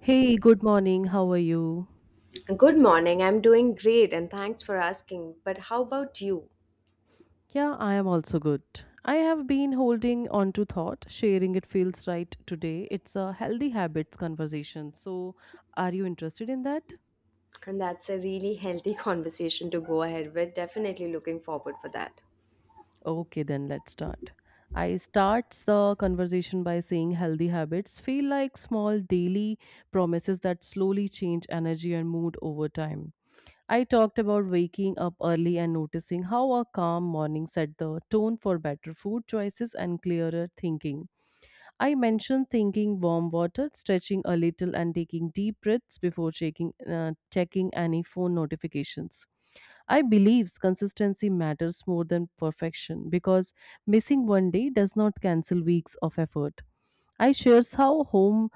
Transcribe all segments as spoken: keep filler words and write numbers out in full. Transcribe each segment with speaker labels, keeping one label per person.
Speaker 1: Hey, good morning. How are you?
Speaker 2: Good morning. I'm doing great and thanks for asking. But how about you?
Speaker 1: Yeah, I am also good. I have been holding on to thought, sharing it feels right today. It's a healthy habits conversation. So, are you interested in that?
Speaker 2: And that's a really healthy conversation to go ahead with. Definitely looking forward for that.
Speaker 1: Okay, then let's start. I starts the conversation by saying healthy habits feel like small daily promises that slowly change energy and mood over time. I talked about waking up early and noticing how a calm morning set the tone for better food choices and clearer thinking. I mentioned thinking warm water, stretching a little, and taking deep breaths before checking, uh, checking any phone notifications. I believe consistency matters more than perfection because missing one day does not cancel weeks of effort. I shares how home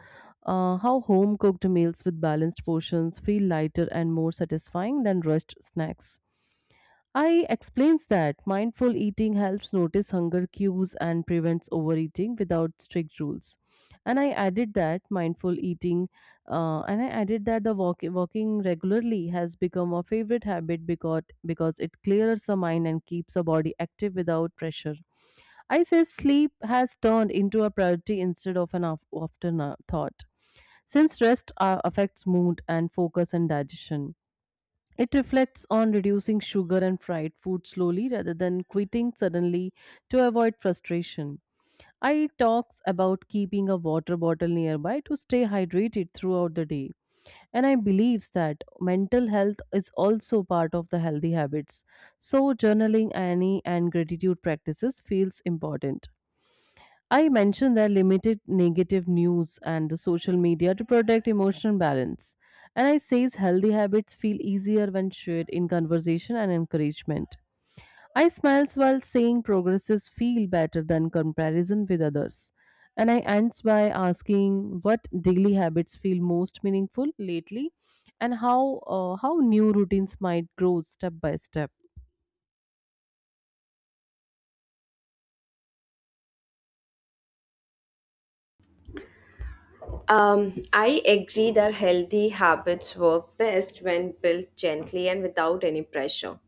Speaker 1: uh, how home cooked meals with balanced portions feel lighter and more satisfying than rushed snacks. I explains that mindful eating helps notice hunger cues and prevents overeating without strict rules. And I added that mindful eating, uh, and I added that the walk- walking regularly has become a favorite habit because because it clears the mind and keeps the body active without pressure. I say sleep has turned into a priority instead of an af- after thought, since rest uh, affects mood and focus and digestion. It reflects on reducing sugar and fried food slowly rather than quitting suddenly to avoid frustration. I talks about keeping a water bottle nearby to stay hydrated throughout the day. And I believes that mental health is also part of the healthy habits. So journaling any and gratitude practices feels important. I mentioned that limited negative news and social media to protect emotional balance. And I says healthy habits feel easier when shared in conversation and encouragement. I smiles while saying progresses feel better than comparison with others. And I ends by asking what daily habits feel most meaningful lately and how uh, how new routines might grow step by step.
Speaker 2: Um, I agree that healthy habits work best when built gently and without any pressure.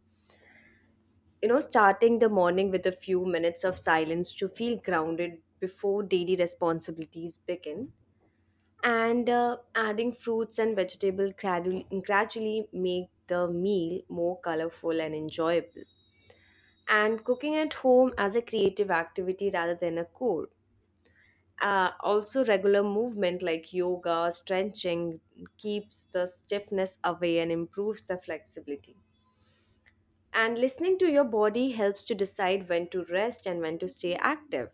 Speaker 2: You know, starting the morning with a few minutes of silence to feel grounded before daily responsibilities begin, and uh, adding fruits and vegetables gradually, gradually make the meal more colorful and enjoyable. And cooking at home as a creative activity rather than a chore. Uh, also, regular movement like yoga, stretching keeps the stiffness away and improves the flexibility. And listening to your body helps to decide when to rest and when to stay active.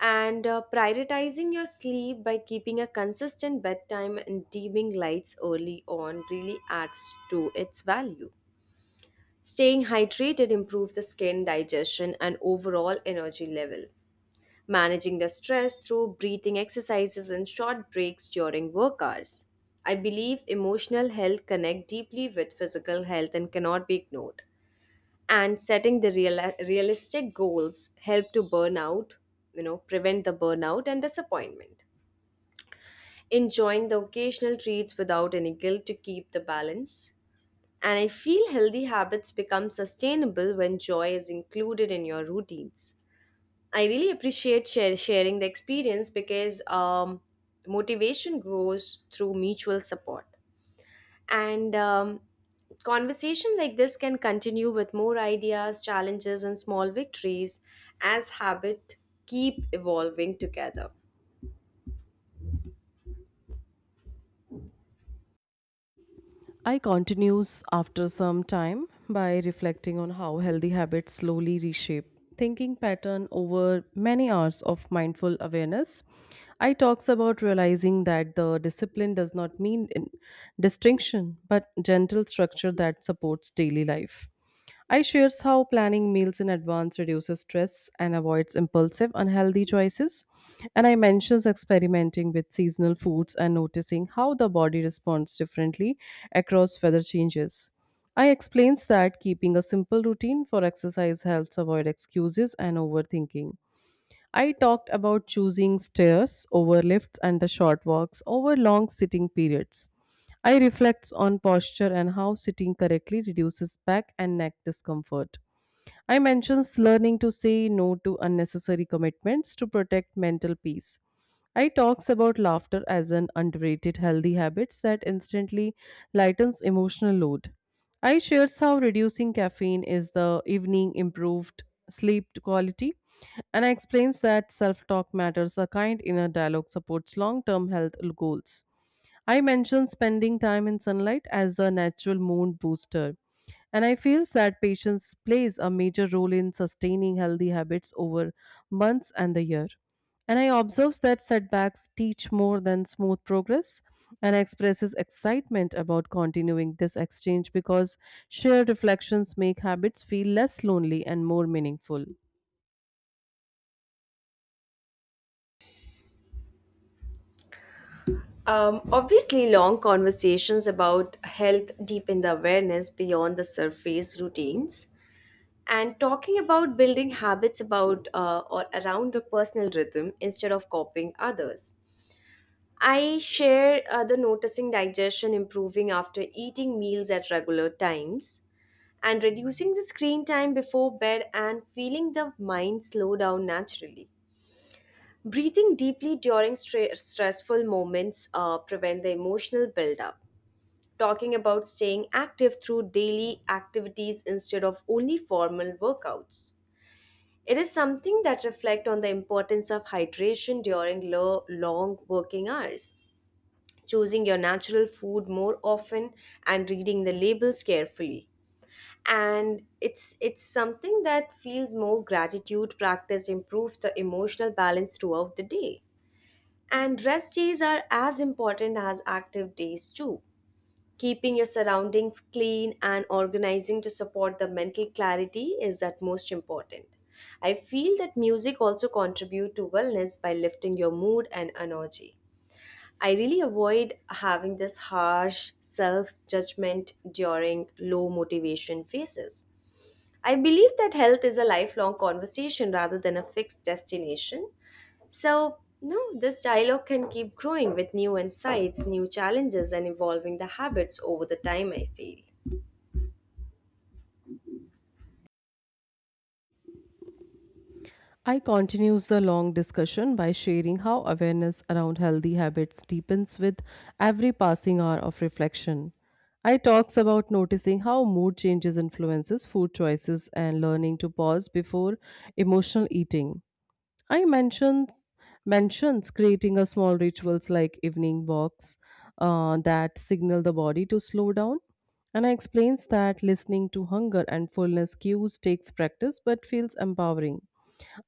Speaker 2: And uh, prioritizing your sleep by keeping a consistent bedtime and dimming lights early on really adds to its value. Staying hydrated improves the skin, digestion, and overall energy level. Managing the stress through breathing exercises and short breaks during work hours. I believe emotional health connect deeply with physical health and cannot be ignored. And setting the real- realistic goals help to burn out, you know, prevent the burnout and disappointment. Enjoying the occasional treats without any guilt to keep the balance. And I feel healthy habits become sustainable when joy is included in your routines. I really appreciate share, sharing the experience because um, motivation grows through mutual support. And um, conversation like this can continue with more ideas, challenges, and small victories as habit keep evolving together.
Speaker 1: I continues after some time by reflecting on how healthy habits slowly reshape thinking pattern over many hours of mindful awareness. I talks about realizing that the discipline does not mean in- distinction but gentle structure that supports daily life. I shares how planning meals in advance reduces stress and avoids impulsive, unhealthy choices. And I mentions experimenting with seasonal foods and noticing how the body responds differently across weather changes. I explains that keeping a simple routine for exercise helps avoid excuses and overthinking. I talked about choosing stairs over lifts and the short walks over long sitting periods. I reflect on posture and how sitting correctly reduces back and neck discomfort. I mentions learning to say no to unnecessary commitments to protect mental peace. I talks about laughter as an underrated healthy habits that instantly lightens emotional load. I shares how reducing caffeine is the evening improved sleep quality, and I explains that self-talk matters a kind inner dialogue supports long-term health goals. I mentioned spending time in sunlight as a natural mood booster, and I feel that patience plays a major role in sustaining healthy habits over months and the year. And I observe that setbacks teach more than smooth progress and expresses excitement about continuing this exchange because shared reflections make habits feel less lonely and more meaningful.
Speaker 2: Um, obviously, long conversations about health deepen the awareness beyond the surface routines. And talking about building habits about uh, or around the personal rhythm instead of copying others. I share uh, the noticing digestion improving after eating meals at regular times, and reducing the screen time before bed and feeling the mind slow down naturally. Breathing deeply during stre- stressful moments uh, prevent the emotional buildup. Talking about staying active through daily activities instead of only formal workouts. It is something that reflect on the importance of hydration during lo- long working hours, choosing your natural food more often and reading the labels carefully. And it's it's something that feels more gratitude practice improves the emotional balance throughout the day. And rest days are as important as active days too. Keeping your surroundings clean and organizing to support the mental clarity is at most important. I feel that music also contribute to wellness by lifting your mood and energy. I really avoid having this harsh self-judgment during low motivation phases. I believe that health is a lifelong conversation rather than a fixed destination. So, no, this dialogue can keep growing with new insights, new challenges, and evolving the habits over the time, I feel.
Speaker 1: I continues the long discussion by sharing how awareness around healthy habits deepens with every passing hour of reflection. I talks about noticing how mood changes influences food choices and learning to pause before emotional eating. I mentions mentions creating a small rituals like evening walks uh, that signal the body to slow down. And I explains that listening to hunger and fullness cues takes practice but feels empowering.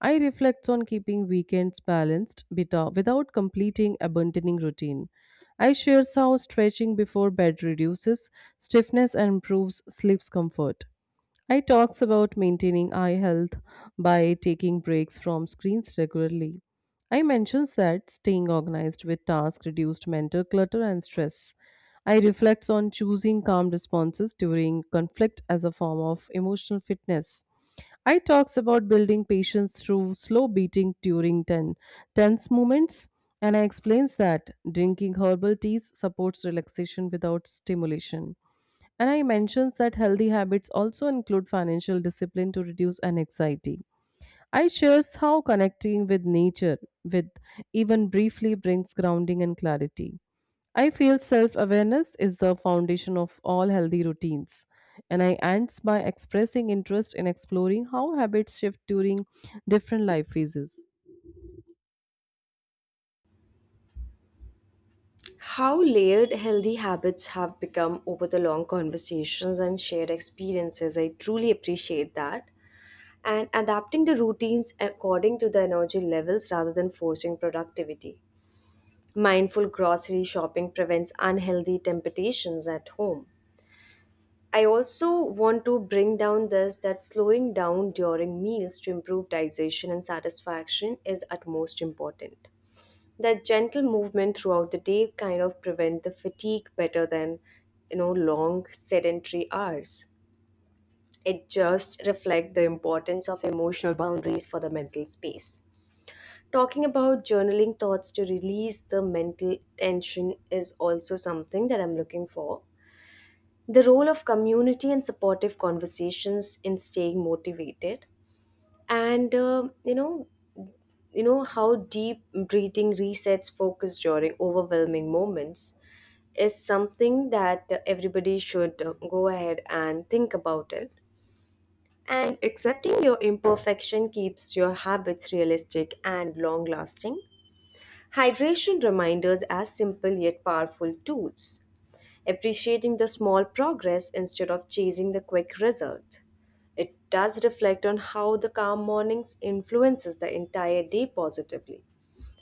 Speaker 1: I reflects on keeping weekends balanced beta- without completing abandoning routine. I shares how stretching before bed reduces stiffness and improves sleep's comfort. I talks about maintaining eye health by taking breaks from screens regularly. I mentions that staying organized with tasks reduced mental clutter and stress. I reflects on choosing calm responses during conflict as a form of emotional fitness. I talks about building patience through slow beating during ten, tense moments, and I explains that drinking herbal teas supports relaxation without stimulation. And I mentions that healthy habits also include financial discipline to reduce anxiety. I shares how connecting with nature, with even briefly brings grounding and clarity. I feel self-awareness is the foundation of all healthy routines. And I ends by expressing interest in exploring how habits shift during different life phases.
Speaker 2: How layered healthy habits have become over the long conversations and shared experiences, I truly appreciate that. And adapting the routines according to the energy levels rather than forcing productivity. Mindful grocery shopping prevents unhealthy temptations at home. I also want to bring down this that slowing down during meals to improve digestion and satisfaction is utmost important. That gentle movement throughout the day kind of prevent the fatigue better than, you know, long sedentary hours. It just reflects the importance of emotional boundaries for the mental space. Talking about journaling thoughts to release the mental tension is also something that I'm looking for. The role of community and supportive conversations in staying motivated, and uh, you know you know how deep breathing resets focus during overwhelming moments is something that uh, everybody should uh, go ahead and think about it. And accepting your imperfection keeps your habits realistic and long lasting. Hydration reminders as simple yet powerful tools, appreciating the small progress instead of chasing the quick result. It does reflect on how the calm mornings influences the entire day positively.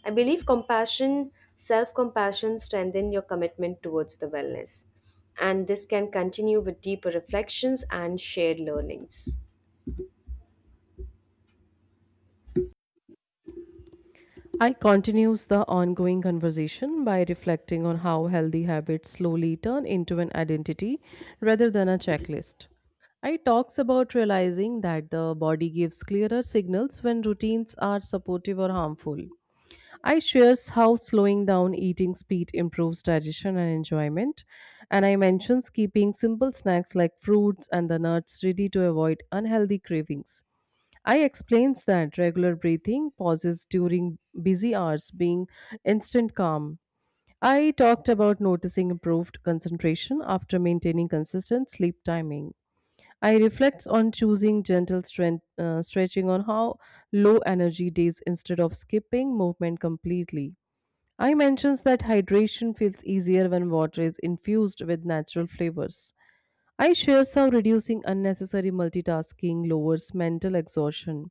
Speaker 2: I believe compassion, self compassion, strengthen your commitment towards the wellness. And this can continue with deeper reflections and shared learnings.
Speaker 1: I continues the ongoing conversation by reflecting on how healthy habits slowly turn into an identity rather than a checklist. I talks about realizing that the body gives clearer signals when routines are supportive or harmful. I shares how slowing down eating speed improves digestion and enjoyment, and I mentions keeping simple snacks like fruits and the nuts ready to avoid unhealthy cravings. I explains that regular breathing pauses during busy hours being instant calm. I talked about noticing improved concentration after maintaining consistent sleep timing. I reflect on choosing gentle strength, uh, stretching on how low energy days instead of skipping movement completely. I mentions that hydration feels easier when water is infused with natural flavors. I shares how reducing unnecessary multitasking lowers mental exhaustion.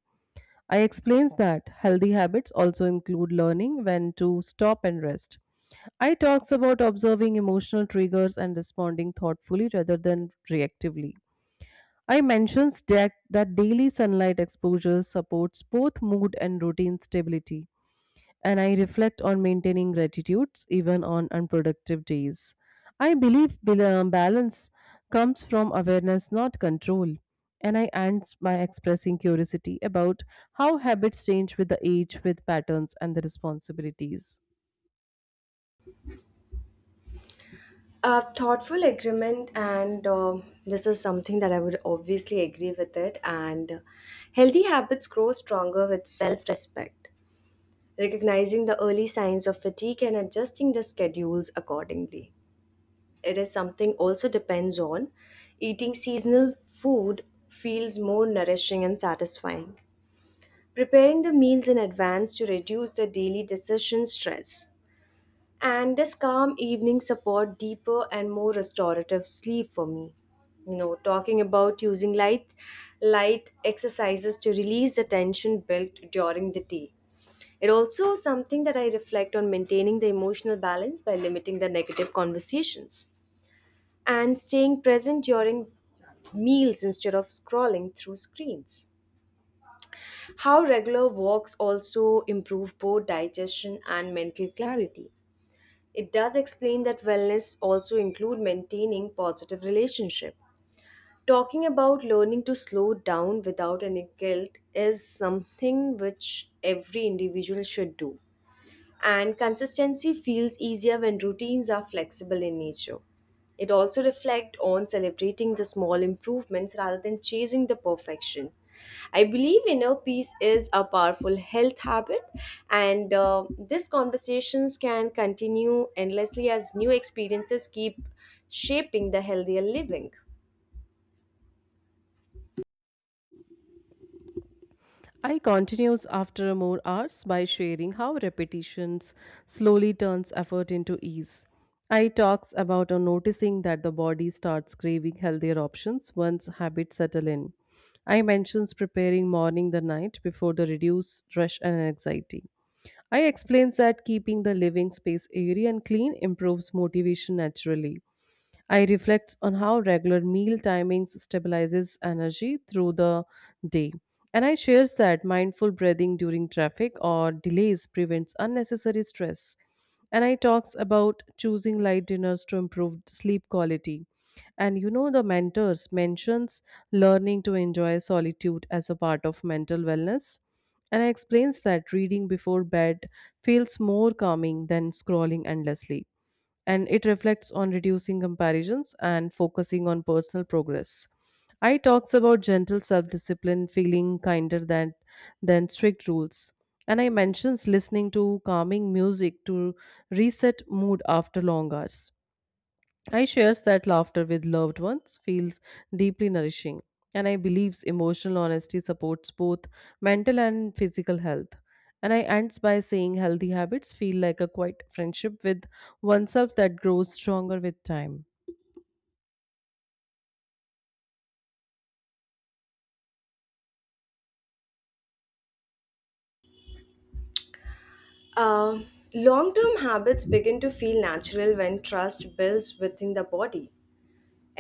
Speaker 1: I explains that healthy habits also include learning when to stop and rest. I talks about observing emotional triggers and responding thoughtfully rather than reactively. I mentions that, that daily sunlight exposure supports both mood and routine stability, and I reflect on maintaining gratitudes even on unproductive days. I believe bel- uh, balance comes from awareness, not control, and I end by expressing curiosity about how habits change with the age, with patterns, and the responsibilities.
Speaker 2: A thoughtful agreement, and um this is something that I would obviously agree with it. And healthy habits grow stronger with self-respect, recognizing the early signs of fatigue and adjusting the schedules accordingly. It is something also depends on eating seasonal food, feels more nourishing and satisfying. Preparing the meals in advance to reduce the daily decision stress, and this calm evening support deeper and more restorative sleep for me. You know, talking about using light light exercises to release the tension built during the day. It also something that I reflect on maintaining the emotional balance by limiting the negative conversations and staying present during meals instead of scrolling through screens. How regular walks also improve both digestion and mental clarity. It does explain that wellness also include maintaining positive relationship. Talking about learning to slow down without any guilt is something which every individual should do, and consistency feels easier when routines are flexible in nature. It also reflects on celebrating the small improvements rather than chasing the perfection. I believe inner peace is a powerful health habit, and uh, these conversations can continue endlessly as new experiences keep shaping the healthier living.
Speaker 1: I continues after more hours by sharing how repetitions slowly turns effort into ease. I talks about on noticing that the body starts craving healthier options once habits settle in. I mentions preparing morning the night before the reduce rush and anxiety. I explains that keeping the living space airy and clean improves motivation naturally. I reflects on how regular meal timings stabilizes energy through the day. And I shares that mindful breathing during traffic or delays prevents unnecessary stress. And I talks about choosing light dinners to improve sleep quality. And you know the mentors mentions learning to enjoy solitude as a part of mental wellness. And I explains that reading before bed feels more calming than scrolling endlessly. And it reflects on reducing comparisons and focusing on personal progress. I talks about gentle self-discipline, feeling kinder than than strict rules. And I mentions listening to calming music to reset mood after long hours. I shares that laughter with loved ones feels deeply nourishing, and I believes emotional honesty supports both mental and physical health. And I ends by saying healthy habits feel like a quiet friendship with oneself that grows stronger with time.
Speaker 2: Uh, Long term habits begin to feel natural when trust builds within the body.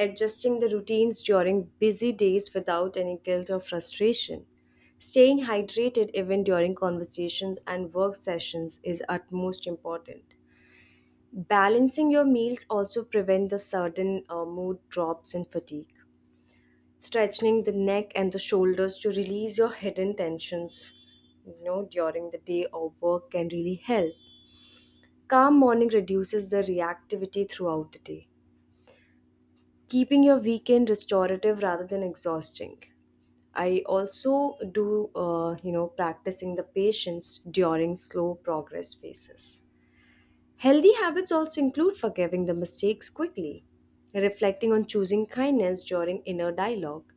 Speaker 2: Adjusting the routines during busy days without any guilt or frustration. Staying hydrated even during conversations and work sessions is utmost important. Balancing your meals also prevent the sudden uh, mood drops and fatigue. Stretching the neck and the shoulders to release your hidden tensions, you know, during the day or work can really help. Calm morning reduces the reactivity throughout the day, keeping your weekend restorative rather than exhausting. I also do, uh, you know, practicing the patience during slow progress phases. Healthy habits also include forgiving the mistakes quickly, reflecting on choosing kindness during inner dialogue,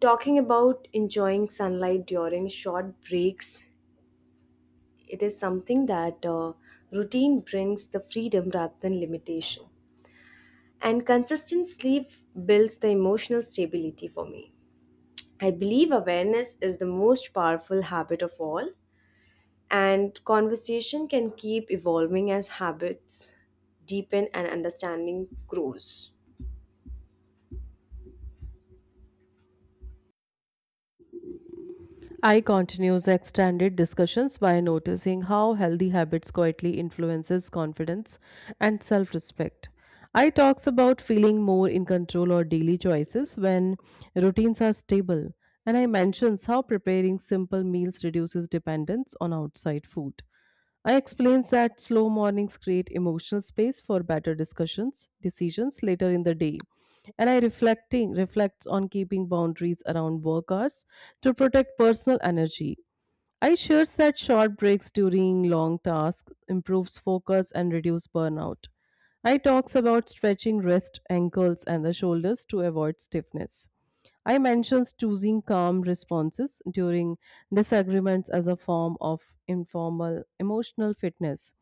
Speaker 2: talking about enjoying sunlight during short breaks. It is something that uh, routine brings the freedom rather than limitation. And consistent sleep builds the emotional stability for me. I believe awareness is the most powerful habit of all, and conversation can keep evolving as habits deepen and understanding grows.
Speaker 1: I continues extended discussions by noticing how healthy habits quietly influences confidence and self-respect. I talks about feeling more in control or daily choices when routines are stable, and I mentions how preparing simple meals reduces dependence on outside food. I explains that slow mornings create emotional space for better discussions, decisions later in the day. And I reflecting reflects on keeping boundaries around work hours to protect personal energy. I shares that short breaks during long tasks improves focus and reduce burnout. I talks about stretching wrist, ankles and the shoulders to avoid stiffness. I mentions choosing calm responses during disagreements as a form of informal emotional fitness.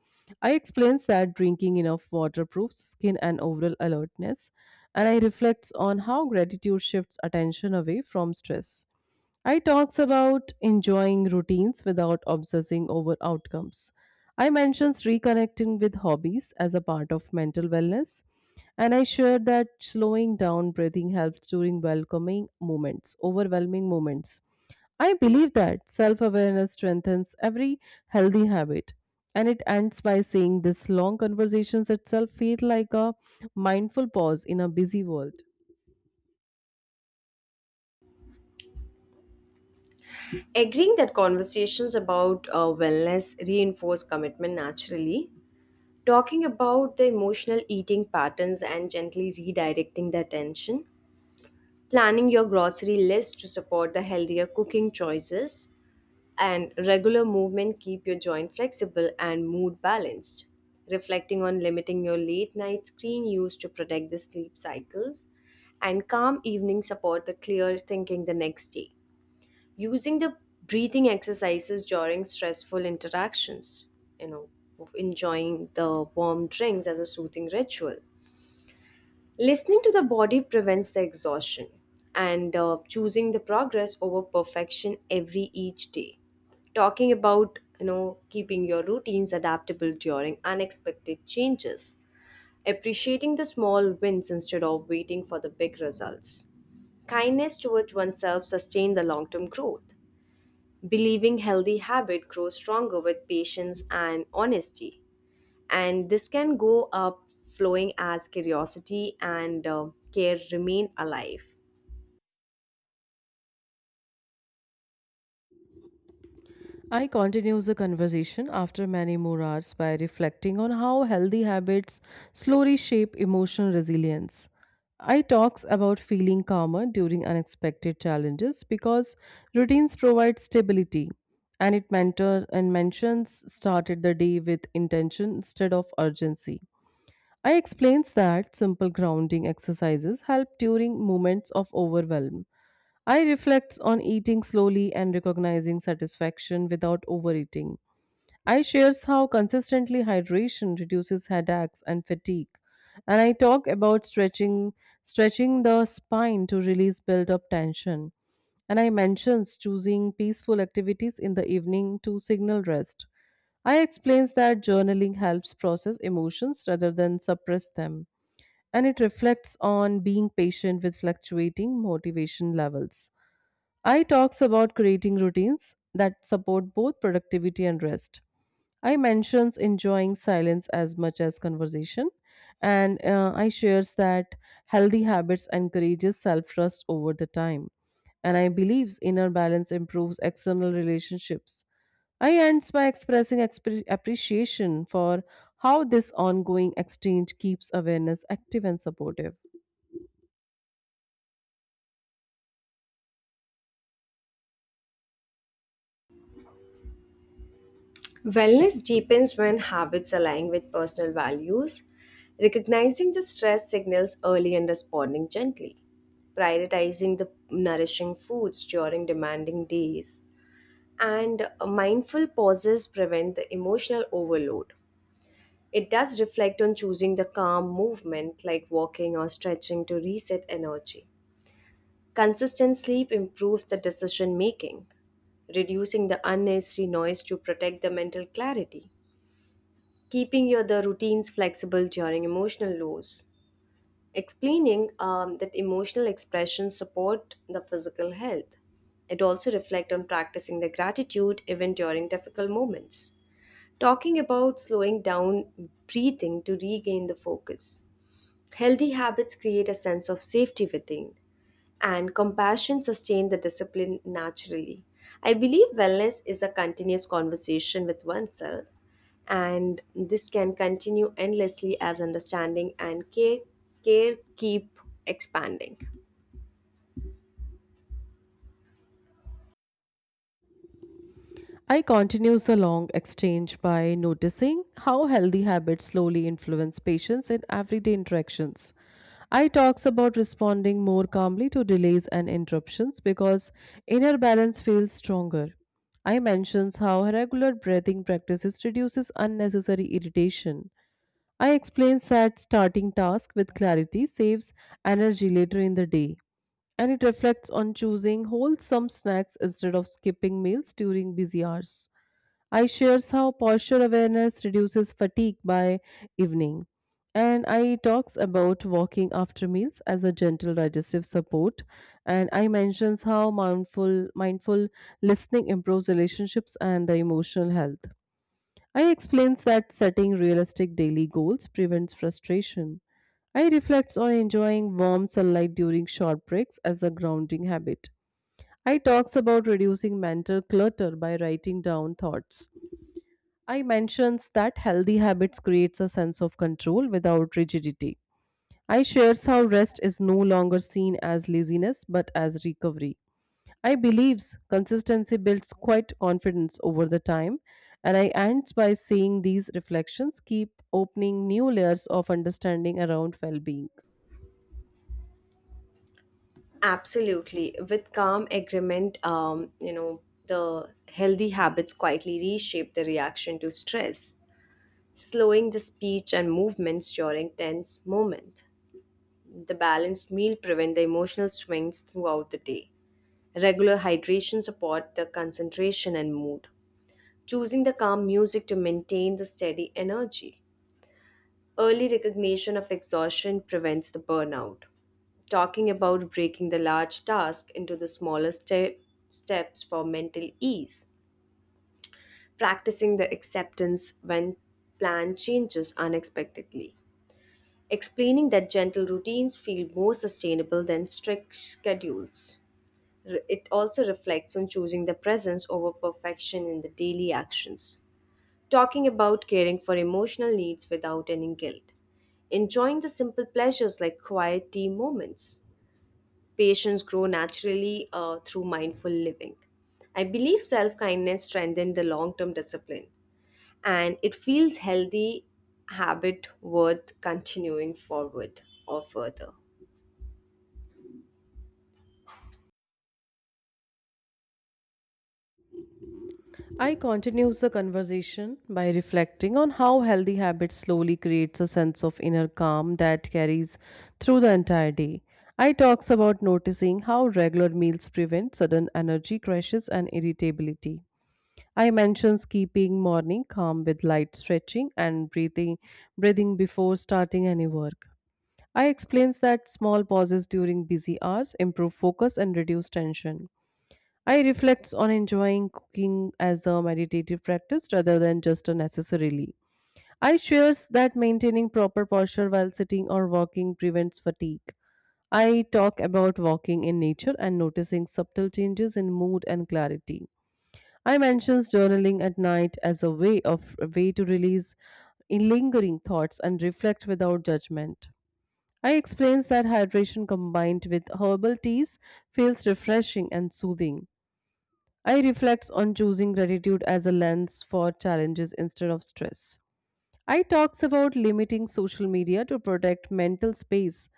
Speaker 1: I explains that drinking enough water proves skin and overall alertness, and I reflects on how gratitude shifts attention away from stress. I talks about enjoying routines without obsessing over outcomes. I mentions reconnecting with hobbies as a part of mental wellness, and I share that slowing down breathing helps during welcoming moments, overwhelming moments. I believe that self awareness strengthens every healthy habit. And it ends by saying this long conversations itself feel like a mindful pause in a busy world.
Speaker 2: Agreeing that conversations about uh, wellness reinforce commitment naturally. Talking about the emotional eating patterns and gently redirecting the attention, planning your grocery list to support the healthier cooking choices, and regular movement keep your joint flexible and mood balanced. Reflecting on limiting your late night screen use to protect the sleep cycles, and calm evenings support the clear thinking the next day. Using the breathing exercises during stressful interactions, you know, enjoying the warm drinks as a soothing ritual. Listening to the body prevents the exhaustion, and uh, choosing the progress over perfection every each day. Talking about, you know, keeping your routines adaptable during unexpected changes, appreciating the small wins instead of waiting for the big results. Kindness towards oneself sustain the long-term growth. Believing healthy habit grows stronger with patience and honesty, and this can go up flowing as curiosity and uh, care remain alive.
Speaker 1: I continues the conversation after many more hours by reflecting on how healthy habits slowly shape emotional resilience. I talks about feeling calmer during unexpected challenges because routines provide stability, and it mentor and mentions started the day with intention instead of urgency. I explains that simple grounding exercises help during moments of overwhelm. I reflects on eating slowly and recognizing satisfaction without overeating. I shares how consistently hydration reduces headaches and fatigue. And I talk about stretching stretching the spine to release built-up tension. And I mentions choosing peaceful activities in the evening to signal rest. I explains that journaling helps process emotions rather than suppress them, and it reflects on being patient with fluctuating motivation levels. I talks about creating routines that support both productivity and rest. I mentions enjoying silence as much as conversation, and uh, I shares that healthy habits encourages self trust over the time, and I believes inner balance improves external relationships. I ends by expressing expre- appreciation for how this ongoing exchange keeps awareness active and supportive.
Speaker 2: Wellness deepens when habits align with personal values, recognizing the stress signals early and responding gently, prioritizing the nourishing foods during demanding days, and uh, mindful pauses prevent the emotional overload. It does reflect on choosing the calm movement like walking or stretching to reset energy. Consistent sleep improves the decision making, reducing the unnecessary noise to protect the mental clarity, keeping your the routines flexible during emotional lows, explaining um, that emotional expressions support the physical health. It also reflects on practicing the gratitude even during difficult moments. Talking about slowing down breathing to regain the focus. Healthy habits create a sense of safety within, and compassion sustain the discipline naturally. I believe wellness is a continuous conversation with oneself, and this can continue endlessly as understanding and care, care keep expanding.
Speaker 1: I continues the long exchange by noticing how healthy habits slowly influence patients in everyday interactions. I talks about responding more calmly to delays and interruptions because inner balance feels stronger. I mentions how regular breathing practices reduces unnecessary irritation. I explains that starting task with clarity saves energy later in the day, and it reflects on choosing wholesome snacks instead of skipping meals during busy hours. I shares how posture awareness reduces fatigue by evening. And I talks about walking after meals as a gentle digestive support. And I mentions how mindful mindful listening improves relationships and the emotional health. I explains that setting realistic daily goals prevents frustration. I reflects on enjoying warm sunlight during short breaks as a grounding habit. I talks about reducing mental clutter by writing down thoughts. I mentions that healthy habits creates a sense of control without rigidity. I shares how rest is no longer seen as laziness but as recovery. I believes consistency builds quite confidence over the time, and I ends by saying these reflections keep opening new layers of understanding around well-being.
Speaker 2: Absolutely. With calm agreement, um, you know, the healthy habits quietly reshape the reaction to stress, slowing the speech and movements during tense moments. The balanced meal prevent the emotional swings throughout the day. Regular hydration support the concentration and mood. Choosing the calm music to maintain the steady energy. Early recognition of exhaustion prevents the burnout. Talking about breaking the large task into the smaller ste- steps for mental ease. Practicing the acceptance when plan changes unexpectedly. Explaining that gentle routines feel more sustainable than strict schedules. Re- It also reflects on choosing the presence over perfection in the daily actions. Talking about caring for emotional needs without any guilt. Enjoying the simple pleasures like quiet tea moments. Patients grow naturally uh, through mindful living. I believe self kindness strengthens the long term discipline, and it feels healthy habit worth continuing forward or further.
Speaker 1: I continues the conversation by reflecting on how healthy habits slowly creates a sense of inner calm that carries through the entire day. I talks about noticing how regular meals prevent sudden energy crashes and irritability. I mentions keeping morning calm with light stretching and breathing breathing before starting any work. I explains that small pauses during busy hours improve focus and reduce tension. I reflects on enjoying cooking as a meditative practice rather than just a necessarily. I shares that maintaining proper posture while sitting or walking prevents fatigue. I talk about walking in nature and noticing subtle changes in mood and clarity. I mentions journaling at night as a way of a way to release in lingering thoughts and reflect without judgment. I explains that hydration combined with herbal teas feels refreshing and soothing. I reflects on choosing gratitude as a lens for challenges instead of stress. I talks about limiting social media to protect mental space,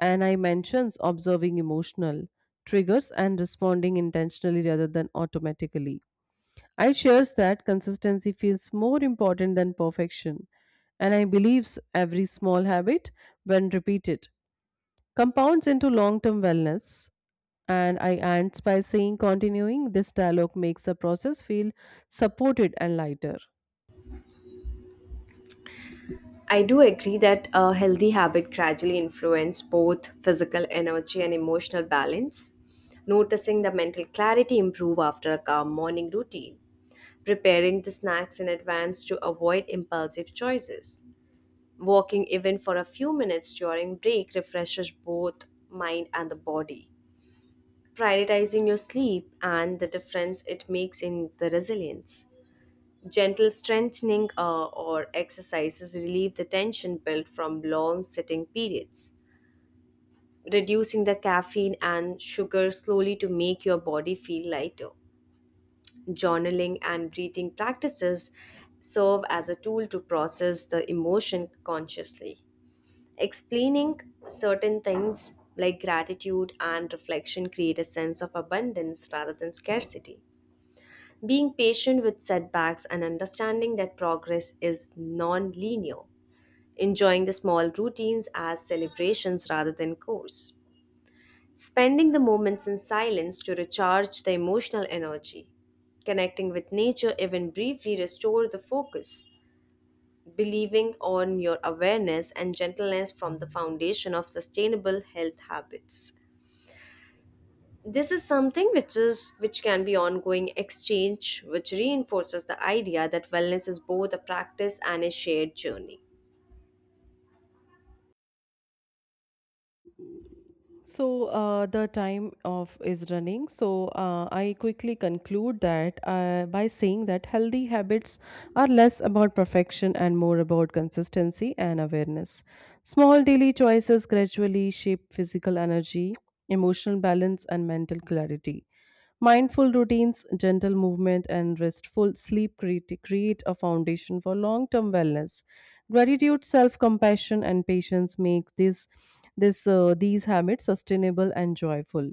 Speaker 1: and I mentions observing emotional triggers and responding intentionally rather than automatically. I shares that consistency feels more important than perfection, and I believes every small habit, when repeated, compounds into long term wellness. And I ends by saying, continuing this dialogue makes the process feel supported and lighter.
Speaker 2: I do agree that a healthy habit gradually influence both physical energy and emotional balance. Noticing the mental clarity improve after a calm morning routine. Preparing the snacks in advance to avoid impulsive choices. Walking even for a few minutes during break refreshes both mind and the body. Prioritizing your sleep and the difference it makes in the resilience. Gentle strengthening uh, or exercises relieve the tension built from long sitting periods, reducing the caffeine and sugar slowly to make your body feel lighter. Journaling and breathing practices serve as a tool to process the emotion consciously. Explaining certain things like gratitude and reflection create a sense of abundance rather than scarcity. Being patient with setbacks and understanding that progress is non linear. Enjoying the small routines as celebrations rather than chores. Spending the moments in silence to recharge the emotional energy. Connecting with nature, even briefly, restore the focus. Believing on your awareness and gentleness from the foundation of sustainable health habits. This is something which is which can be ongoing exchange which reinforces the idea that wellness is both a practice and a shared journey.
Speaker 1: So uh, the time of is running. So uh, I quickly conclude that uh, by saying that healthy habits are less about perfection and more about consistency and awareness. Small daily choices gradually shape physical energy, emotional balance, and mental clarity. Mindful routines, gentle movement, and restful sleep create, create a foundation for long term wellness. Gratitude, self compassion, and patience make this, this, uh, these habits sustainable and joyful.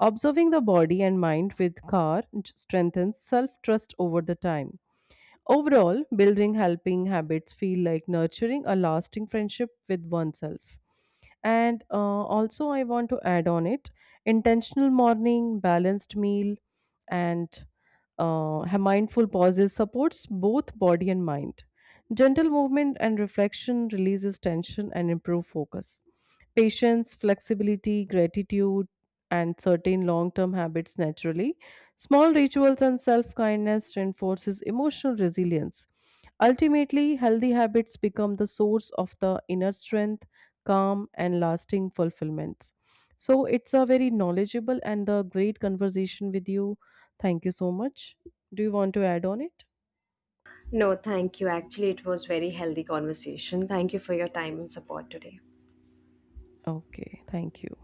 Speaker 1: Observing the body and mind with care strengthens self trust over the time. Overall, building helping habits feel like nurturing a lasting friendship with oneself. And uh, Also, I want to add on it intentional morning, balanced meal, and uh, ha- mindful pauses supports both body and mind. Gentle movement and reflection releases tension and improve focus. Patience, flexibility, gratitude, and certain long-term habits naturally. Small rituals and self-kindness reinforces emotional resilience. Ultimately, healthy habits become the source of the inner strength, calm, and lasting fulfillment. So it's a very knowledgeable and a great conversation with you. Thank you so much. Do you want to add on it?
Speaker 2: No, thank you. Actually, it was very healthy conversation. Thank you for your time and support today.
Speaker 1: Okay, thank you.